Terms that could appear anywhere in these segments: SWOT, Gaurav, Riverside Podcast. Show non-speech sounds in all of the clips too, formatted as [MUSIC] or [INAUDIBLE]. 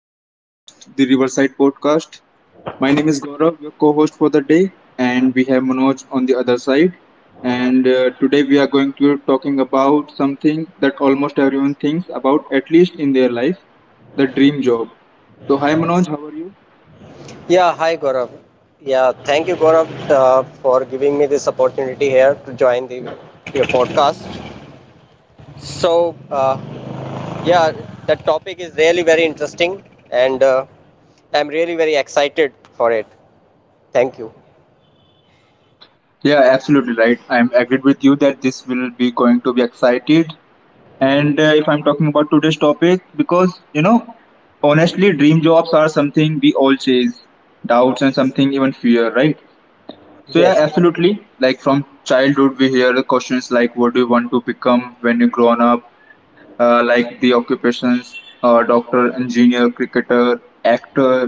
our podcast, the Riverside Podcast. My name is Gaurav, your co-host for the day, and we have Manoj on the other side. And Today we are going to be talking about something that almost everyone thinks about, at least in their life, the dream job. So hi Manoj, how are you? Yeah, hi Gaurav. Yeah, thank you Gaurav for giving me this opportunity here to join the your podcast. So, uh, yeah, the topic is really very interesting, and I'm really very excited for it. Thank you. Yeah, absolutely right. I'm agreed with you that this will be going to be excited. And If I'm talking about today's topic, because you know, honestly, dream jobs are something we all chase, doubts and something even fear, right? So yeah, Yes. absolutely. Like from childhood, we hear the questions like, "What do you want to become when you grown up?" Like the occupations, doctor, engineer, cricketer, actor,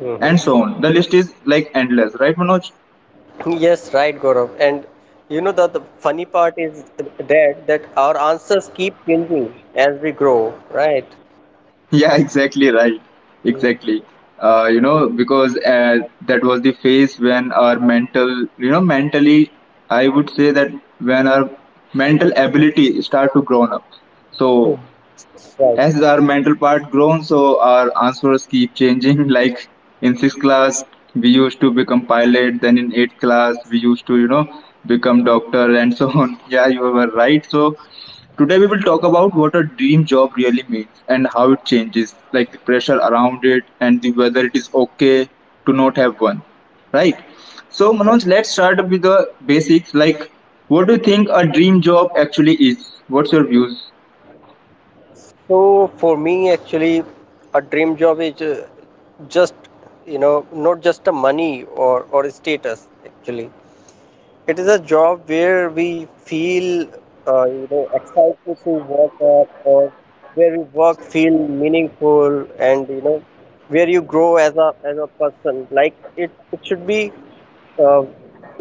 Mhm. and so on. The list is like endless, right, Manoj? Yes, right, Gaurav. And you know that the funny part is that our answers keep changing as we grow, right? [LAUGHS] Yeah, exactly right. Mhm. Exactly. You know, because that was the phase when our mental, you know, mentally, I would say that when our mental ability start to grown up. So Right. as our mental part grown so our answers keep changing [LAUGHS] like in sixth class we used to become pilot, then in eighth class we used to, you know, become doctor, and so [LAUGHS] on. Yeah, you were right. So today we will talk about what a dream job really means and how it changes, like the pressure around it and the whether it is okay to not have one, right? So Manoj, let's start with the basics, like what do you think a dream job actually is? What's your views? So for me, actually, a dream job is just, you know, not just a money or a status. Actually, it is a job where we feel, you know, excited to work at, or where we work feel meaningful, and you know, where you grow as a person. Like it should be. Uh,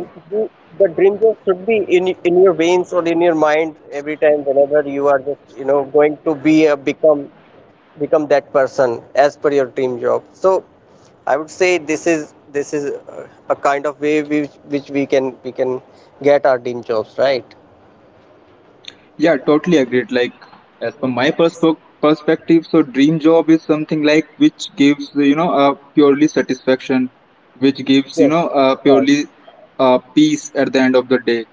it should be- The dream job should be in your veins or in your mind every time whenever you are just you know going to be a become that person as per your dream job. So I would say this is a kind of way which, we can get our dream jobs, right? Yeah, totally agreed. Like, as per my Mhm. Perspective, so dream job is something like which gives you know a purely satisfaction, which gives you Yes, know a right. purely peace at the end of the day,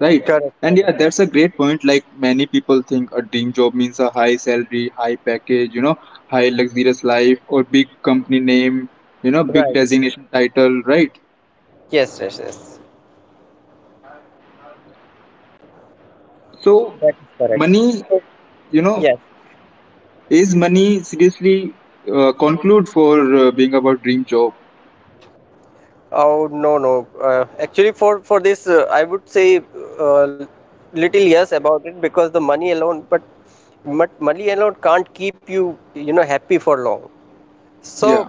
right? correct And correct, yeah, correct. that's a great point. Like many people think a dream job means a high salary, high package, you know, high luxurious life or big company name, you know, big Right. designation title, right? Yes, yes, yes. So That is correct. money, So you know, yes. is money seriously conclude for being about dream job? Oh, no, no, actually for this I would say uh, little yes about it because the money alone but money alone can't keep you you know happy for long. So, Yeah,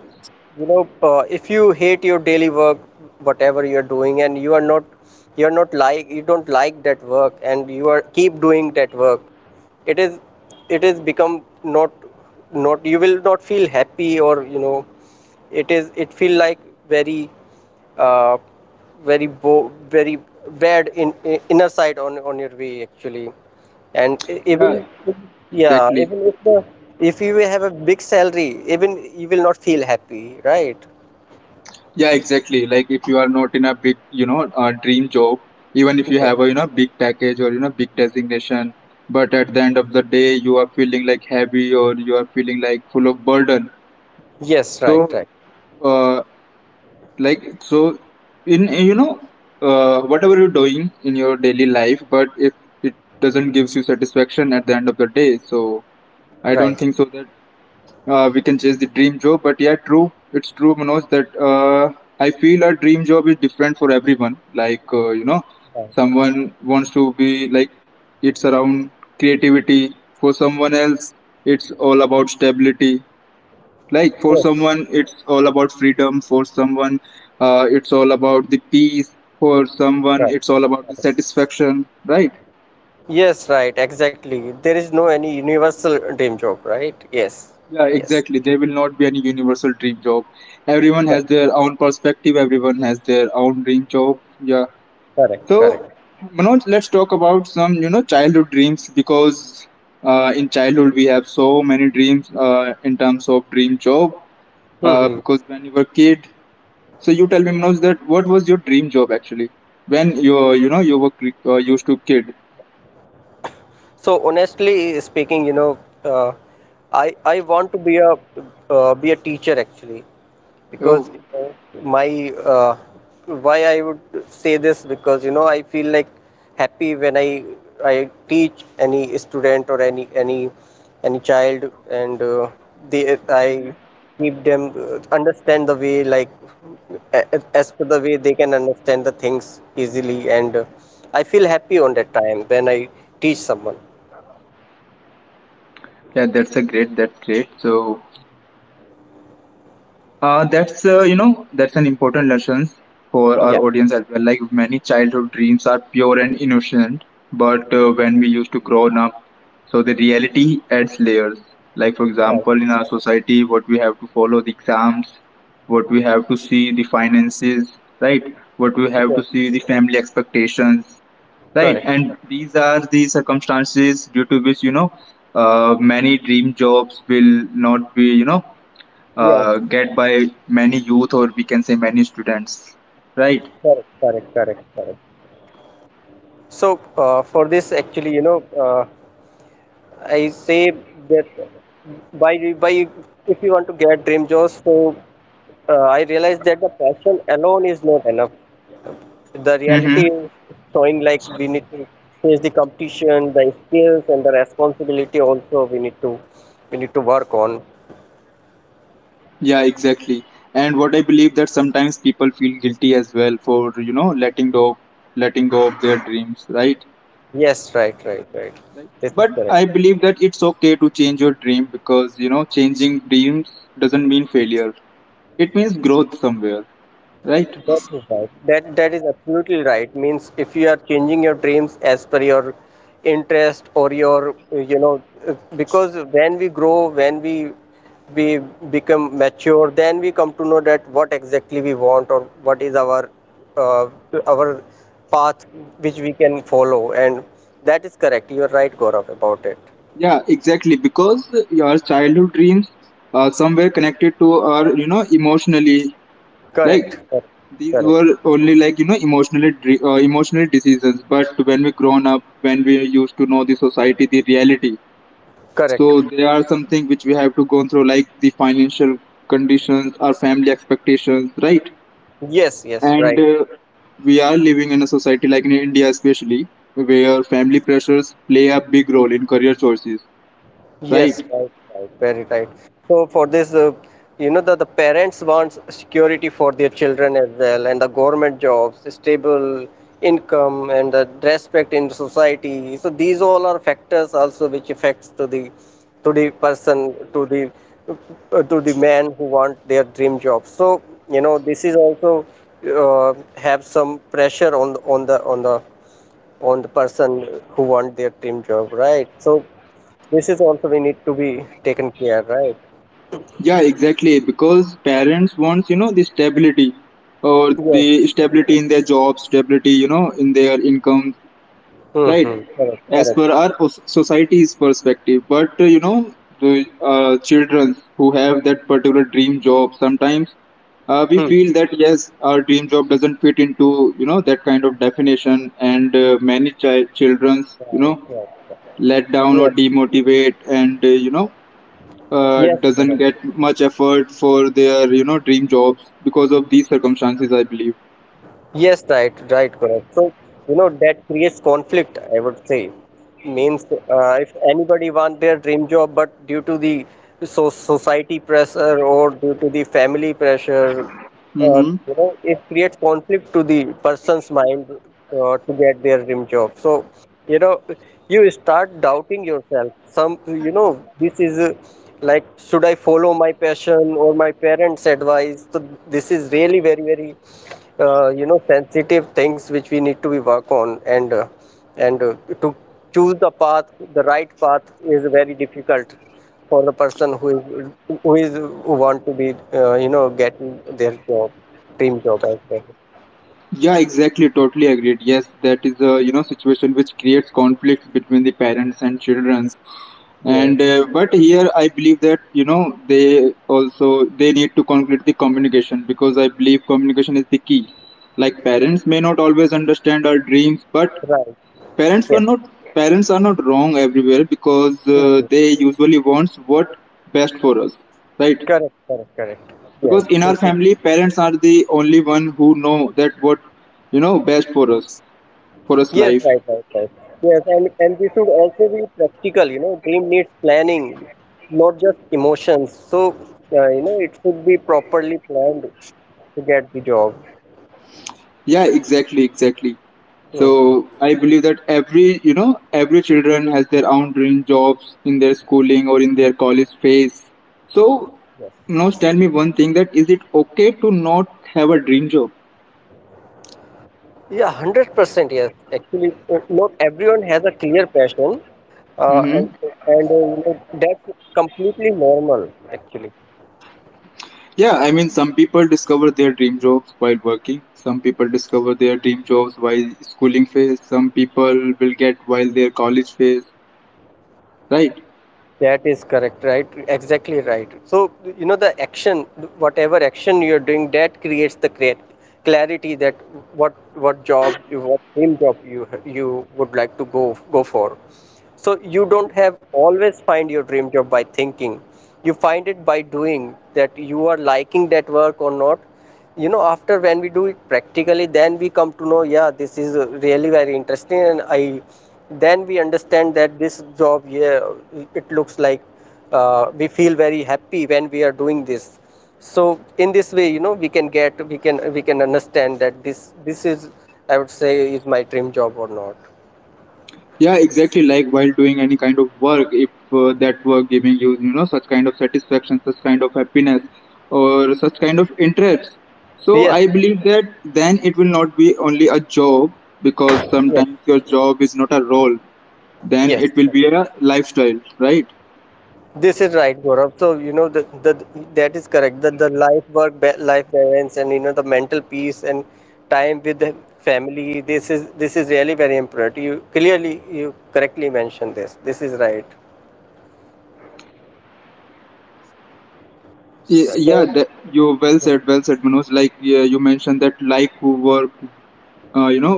you know, if you hate your daily work, whatever you're doing, and you're not like, you don't like that work, and you are keep doing that work, it is, it is become not, not, you will not feel happy, or, you know, it feel like very uh, very bo- very bad in, I inner sight on your way, actually. Even yeah, yeah, exactly. even if you have a big salary, even you will not feel happy, right? Yeah, exactly. Like if you are not in a big, you know, dream job, even if you Yes, have a you know big package or you know big designation, but at the end of the day you are feeling like heavy or you are feeling like full of burden. yes, right, So, right, uh, like so, in you know, whatever you're doing in your daily life, but if it doesn't gives you satisfaction at the end of the day, so I don't right, think so that we can chase the dream job. But yeah, true. It's true, Manoj, that I feel a dream job is different for everyone. Like, you know, right. someone wants to be like, it's around creativity. For someone else, it's all about stability. Like, for Yes, someone, it's all about freedom. For someone, it's all about the peace. For someone, right. it's all about the satisfaction, right? Yes, right, exactly. There is no any universal dream job, right? Yes, Yeah, yes. exactly. There will not be any universal dream job. Everyone has their own perspective, everyone has their own dream job. Yeah. Correct, So, correct. Manoj, let's talk about some, you know, childhood dreams because in childhood we have so many dreams in terms of dream job, Hmm. Hmm. because when you were kid, so you tell me, Manoj, that what was your dream job actually when you know, you were used to kid? So honestly speaking, you know, uh, I want to be a teacher, actually, because Oh, you know, my why I would say this? Because you know I feel like happy when I teach any student or any child, and they I keep them understand the way, like as per the way they can understand the things easily, and I feel happy on that time when I teach someone. yeah, that's a great. That's great. So that's you know that's an important lesson for our Yeah. audience as well. Like many childhood dreams are pure and innocent, but when we used to grow up, so the reality adds layers. Like for Right. example, in our society, what we have to follow the exams, what we have to see the finances, right? What we have to Yes. see the family expectations, right? Correct. And these are the circumstances due to which you know many dream jobs will not be you know Yes. Get by many youth, or we can say many students, right? Correct. So for this, actually, you know, I say that by if you want to get dream jobs, so I realize that the passion alone is not enough. The Mm-hmm. reality is showing like we need to face the competition, the skills, and the responsibility. Also, we need to work on. Yeah, exactly. And what I believe that sometimes people feel guilty as well for you know letting go of their dreams, right? Yes, right, right, right. Right. This is But correct. I believe that it's okay to change your dream, because you know changing dreams doesn't mean failure, it means growth somewhere, right? That is right. That is absolutely right. Means if you are changing your dreams as per your interest or your you know because when we grow, when we become mature, then we come to know that what exactly we want, or what is uh, our path which we can follow, and that is correct. You are right, Gaurav, about it. Yeah, exactly, because your childhood dreams are somewhere connected to our you know emotionally, like Correct. Correct. these Correct. were only like you know emotional decisions. But when we grown up, when we used to know the society, the reality, so Correct. there are something which we have to go through, like the financial conditions, our family expectations, right? Yes. Yes. and Right. We are living in a society like in India especially, where family pressures play a big role in career choices, Yes, right? right, right, very right. So for this, you know that the parents wants security for their children as well, and the government jobs, stable income, and the respect in society. So these all are factors also which affects to the person to the to the man who want their dream job. So you know this is also have some pressure on on the person who want their dream job, right? So this is also we need to be taken care, right? Yeah, exactly. Because parents wants, you know, the stability, or the Yes, yes, stability in yes. their job, stability, you know, in their income, right? Mm-hmm. Correct, As correct. per our society's perspective. But, you know, the children who have that particular dream job, sometimes we Hmm. feel that, yes, our dream job doesn't fit into, you know, that kind of definition. And many children's, you Right, know, right. let down Yeah. or demotivate, and, you know, Yes, madam. doesn't get much effort for their you know dream jobs because of these circumstances, I believe. Yes, right, right, correct. So, you know, that creates conflict, I would say. Means if anybody want their dream job, but due to the society pressure or due to the family pressure, Mm-hmm. you know, it creates conflict to the person's mind to get their dream job. So, you know, you start doubting yourself. Some, you know, this is. A Like, should I follow my passion or my parents advice? So this is really very very you know, sensitive things which we need to be work on, and and uh, to choose the right path is very difficult for the person who is who is who want to be you know, getting their job dream job as well. Yeah, exactly, totally agreed. Yes, that is a you know situation which creates conflicts between the parents and children. And Yes, But here I believe that you know they also they need to conclude the communication, because I believe communication is the key. Like parents may not always understand our dreams, but right. parents were Yes. not, parents are not wrong everywhere, because Mhm. they usually wants what best for us, right? Correct, correct, correct. Yes, Because in this our is. family, parents are the only one who know that what you know best for us, for us Yes, life. right, right, right. Yes, and we should also be practical. You know, dream needs planning, not just emotions. So, you know, it should be properly planned to get the job. Yeah, exactly, exactly. Hmm. So I believe that every you know every children has their own dream jobs in their schooling or in their college phase. So Yes. now tell me one thing, that is it okay to not have a dream job? Yeah, 100%. Yes, actually, not everyone has a clear passion, uh, and Mm-hmm. and you know, that's completely normal, actually. Yeah, I mean, some people discover their dream jobs while working. Some people discover their dream jobs while schooling phase. Some people will get while their college phase, right? That is correct, right? Exactly right. So, you know, the action, whatever action you're doing, that creates the clear clarity that what job, what dream job you would like to go for. So you don't have always find your dream job by thinking. You find it by doing, that you are liking that work or not. You know, after when we do it practically, then we come to know, yeah, this is really very interesting, and I then we understand that this job, yeah, it looks like we feel very happy when we are doing this. So in this way, you know, we can get, we can understand that this is, I would say, is my dream job or not. Yeah, exactly. Like while doing any kind of work, if that work giving you, you know, such kind of satisfaction, such kind of happiness, or such kind of interest. So Yes, I believe that then it will not be only a job, because yes, sometimes your job is not a role. Then yes. it will be a lifestyle, right? This is right, Gaurav. So you know the that is correct. The life work life balance and you know the mental peace and time with the family. This is really very important. You clearly you correctly mentioned this. This is right. Yeah, that you well said, well said Manoj. Like yeah, you mentioned that like work, you know,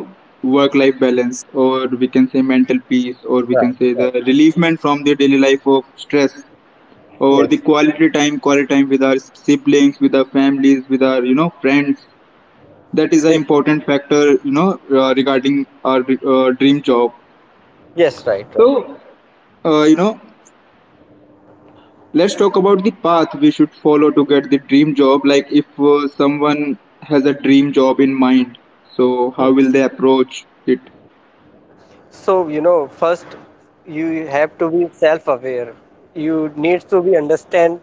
work life balance, or we can say mental peace, or we can say the relievement from the daily life of stress, or the Yes. quality time, quality time with our siblings, with our families, with our you know friends, that is an This is, important factor, you know regarding our dream job. yes, right, right. So you know, let's talk about the path we should follow to get the dream job. Like if someone has a dream job in mind, so how will they approach it? So you know first you have to be self-aware. You need to be understand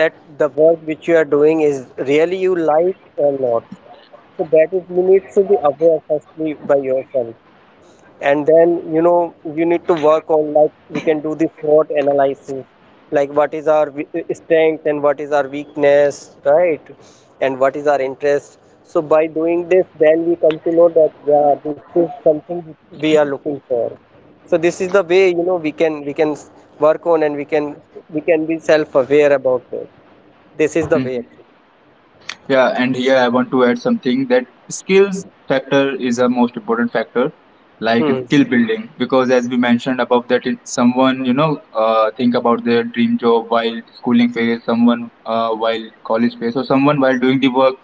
that The work which you are doing is really you like or not. So that is you need to be aware firstly by yourself. And then you know you need to work on, like we can do the SWOT analysis, like what is strength and what is our weakness, right? And what is our interest? So by doing this, then we come to know that yeah, this is something we are looking for. So this is the way, you know, work on, and we can be self aware about it. This is the way, Mhm. actually. Yeah, and here I want to add something, that skills factor is a most important factor, like Hmm. skill building, because as we mentioned above that it, someone you know think about their dream job while schooling phase, someone while college phase, or someone while doing the work,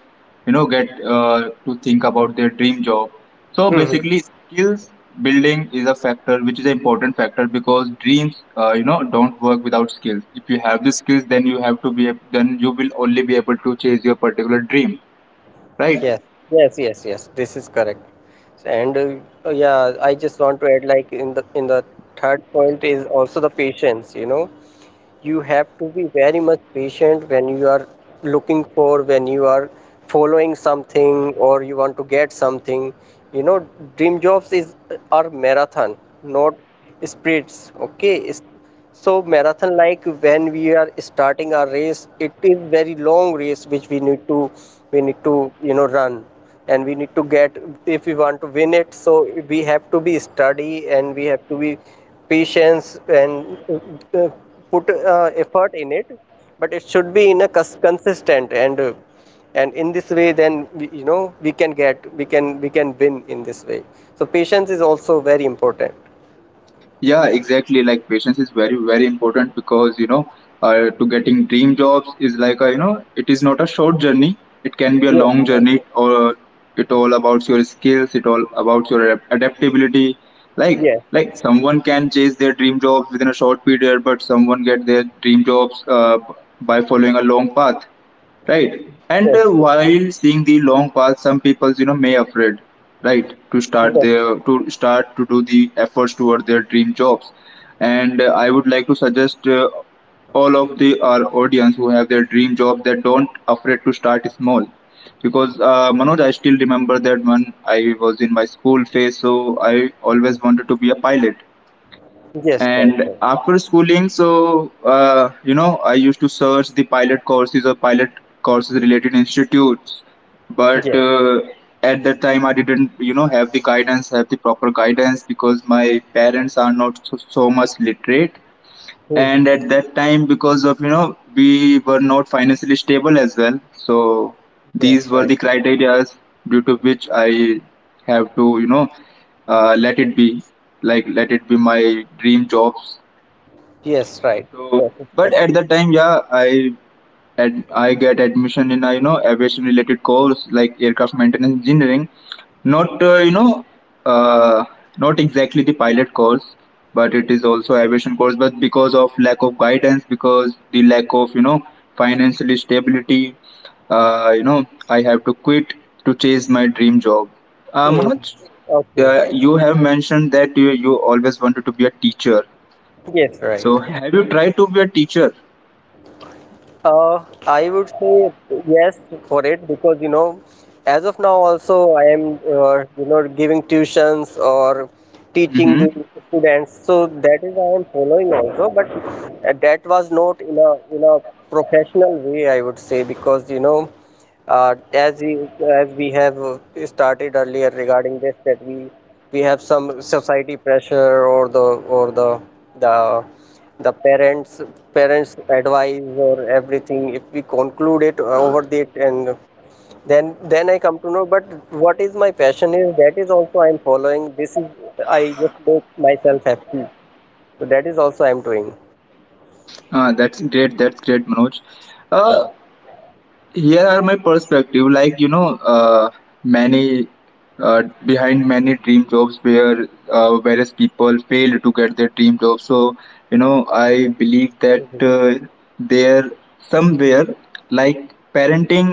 you know get to think about their dream job. So Hmm. basically skills building is a factor which is an important factor, because dreams you know don't work without skills. If you have the skills, then you have to be then you will only be able to chase your particular dream, right? Yes, yes. This is correct. So, and yeah, I just want to add, like, in the third point is also the patience, you know, you have to be very much patient when you are looking for, when you are following something or you want to get something. You know, dream jobs is are marathon, not sprints. Okay. So marathon, like when we are starting our race, it is very long race which we need to, you know, run, and we need to get, if we want to win it. So we have to be study, and we have to be patience, and put effort in it, but it should be in a consistent, and in this way, then we, you know, we can get, we can win in this way. So patience is also very important. Yeah, exactly. Like patience is very, very important, because you know, to getting dream jobs is like a you know, it is not a short journey. It can be a Yes, long right. journey, or it all about your skills. It all about your adaptability. Like Yes, like someone can chase their dream jobs within a short period, but someone get their dream jobs by following a long path, right. And while seeing the long path, some people you know may afraid, right, to start their to start to do the efforts toward their dream jobs. And I would like to suggest, all of the our audience who have their dream job that don't afraid to start small, because Manoj, I still remember that when I was in my school phase, so I always wanted to be a pilot. yes, And after schooling, so you know, I used to search the pilot courses or pilot courses related institutes, right. but Yes. At that time I didn't, you know, have the guidance, have the proper guidance, because my parents are not so, so much literate. And Mhm. at that time, because of you know we were not financially stable as well, so Yes, these right. were the criteria due to which I have to, you know, let it be, like let it be my dream jobs. Yes, right. Yes, So, it's correct. but at the time, yeah, I I get admission in a you know aviation related course like aircraft maintenance engineering. Not, you know, uh, not exactly the pilot course, but it is also aviation course. But because of lack of guidance, because the lack of you know financial stability, you know I have to quit to chase my dream job. Mhm. Manoj, Okay. You have mentioned that you always wanted to be a teacher. Yes, right. So, have you tried to be a teacher? I would say yes for it because you know, as of now also I am you know, giving tuitions or teaching the Mm-hmm. students. So that is I am following also, but that was not in a professional way, I would say, because you know. Uh, as we, as we have started earlier regarding this, that we have some society pressure or the the parents parents advice or everything. If we conclude it over it, and then I come to know. But what is my passion is, that is also I am following. This is I just make myself happy. So that is also I am doing. That's great. That's great, Manoj. Uh, Here are my perspective. Like you know, many behind many dream jobs where various people failed to get their dream job. So you know, I believe that, Mhm. There somewhere like parenting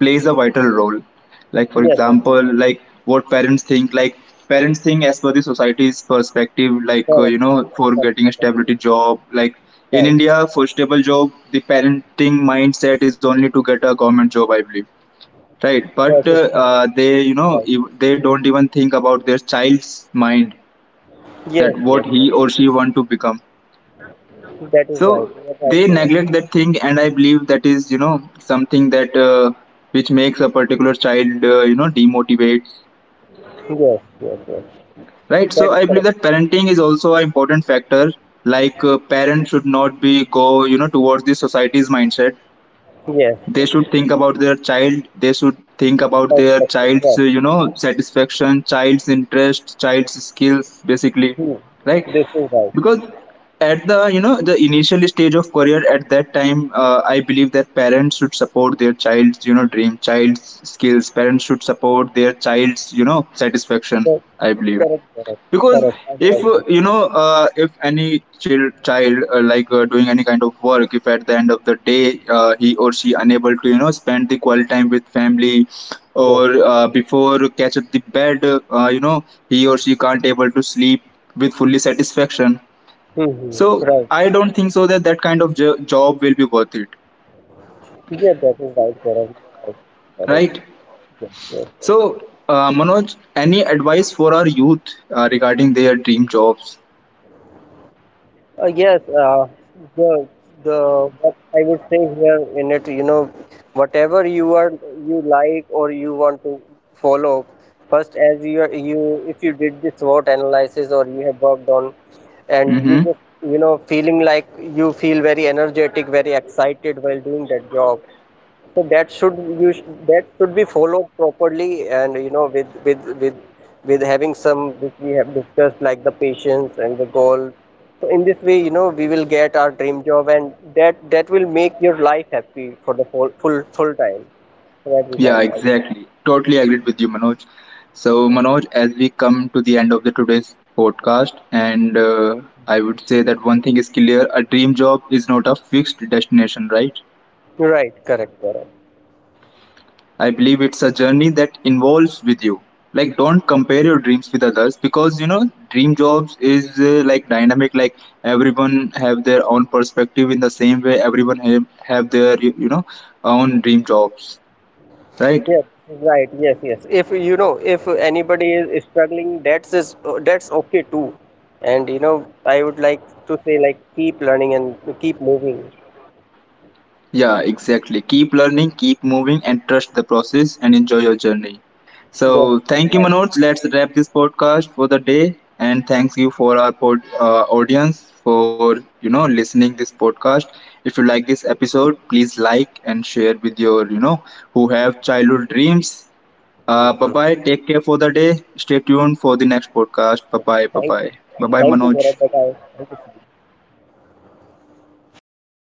plays a vital role, like for Yes, yes, example like what parents think, like parents think as per the society's perspective, like correct, you know for correct, getting a stability job, like in correct, India right. for stable job the parenting mindset is only to get a government job, I believe, right. Yes, But yes, they you know right. if they don't even think about their child's mind, that Yes, what yes, yes. he or she want to become. That is So right. You are right, they correct. neglect that thing, and I believe that is you know something that which makes a particular child you know demotivate. Yes, yes, yes. Right. So That is I believe correct. that parenting is also an important factor. Like parents should not be go you know towards the society's mindset. Yes, They yes. should think about their child. They should think about their Perspective. Yes. child's you know satisfaction, child's interest, child's skills, basically. Hmm. Right. This is right. Because at the you know the initial stage of career at that time, I believe that parents should support their child's you know dream, child's skills. Parents should support their child's you know satisfaction. Yes. I believe, Correct, correct, because correct. I do if agree. you know if any child like doing any kind of work, if at the end of the day he or she unable to you know spend the quality time with family, Yes. or before catch up the bed, you know he or she can't able to sleep with fully satisfaction. Mm-hmm. So Right. I don't think so that that kind of job will be worth it, Yeah, that is right, correct. You are right. Correct. right. Yes, yes, yes. So Manoj, any advice for our youth regarding their dream jobs? Yes, the the What I would say here in it, you know, whatever you are, you like or you want to follow, first as you are, you, if you did this SWOT analysis or you have worked on, and you Mm-hmm. just you know feeling like you feel very energetic, very excited while doing that job. So that should be followed properly, and you know, with having some which we have discussed, like the patience and the goal. So in this way, you know, we will get our dream job, and that will make your life happy for the full time, for every Yeah, time. exactly. Totally agreed with you, Manoj. So, Manoj, as we come to the end of the today's podcast, and I would say that one thing is clear: a dream job is not a fixed destination, right? Right, correct, correct. I believe it's a journey that involves with you. Like, don't compare your dreams with others because you know dream jobs is like dynamic. Like everyone have their own perspective in the same way. Everyone have their you know own dream jobs, right? Yes, right, yes, yes. If you know, if anybody is struggling, that's okay too. And you know, I would like to say like keep learning and keep moving. Yeah, exactly. Keep learning, keep moving, and trust the process and enjoy your journey. Yes, So, thank you, right. Manoj. Let's wrap this podcast for the day. And [LAUGHS] thanks you for our audience for you know listening this podcast. If you like this episode, please like and share with your you know who have childhood dreams. Hmm. Mm. Bye bye. Take care for the day. Stay tuned for the next podcast. Bye bye. Bye Thank, bye. Bye bye, thank you, Manoj. Gaurav. Bye bye. Thank you.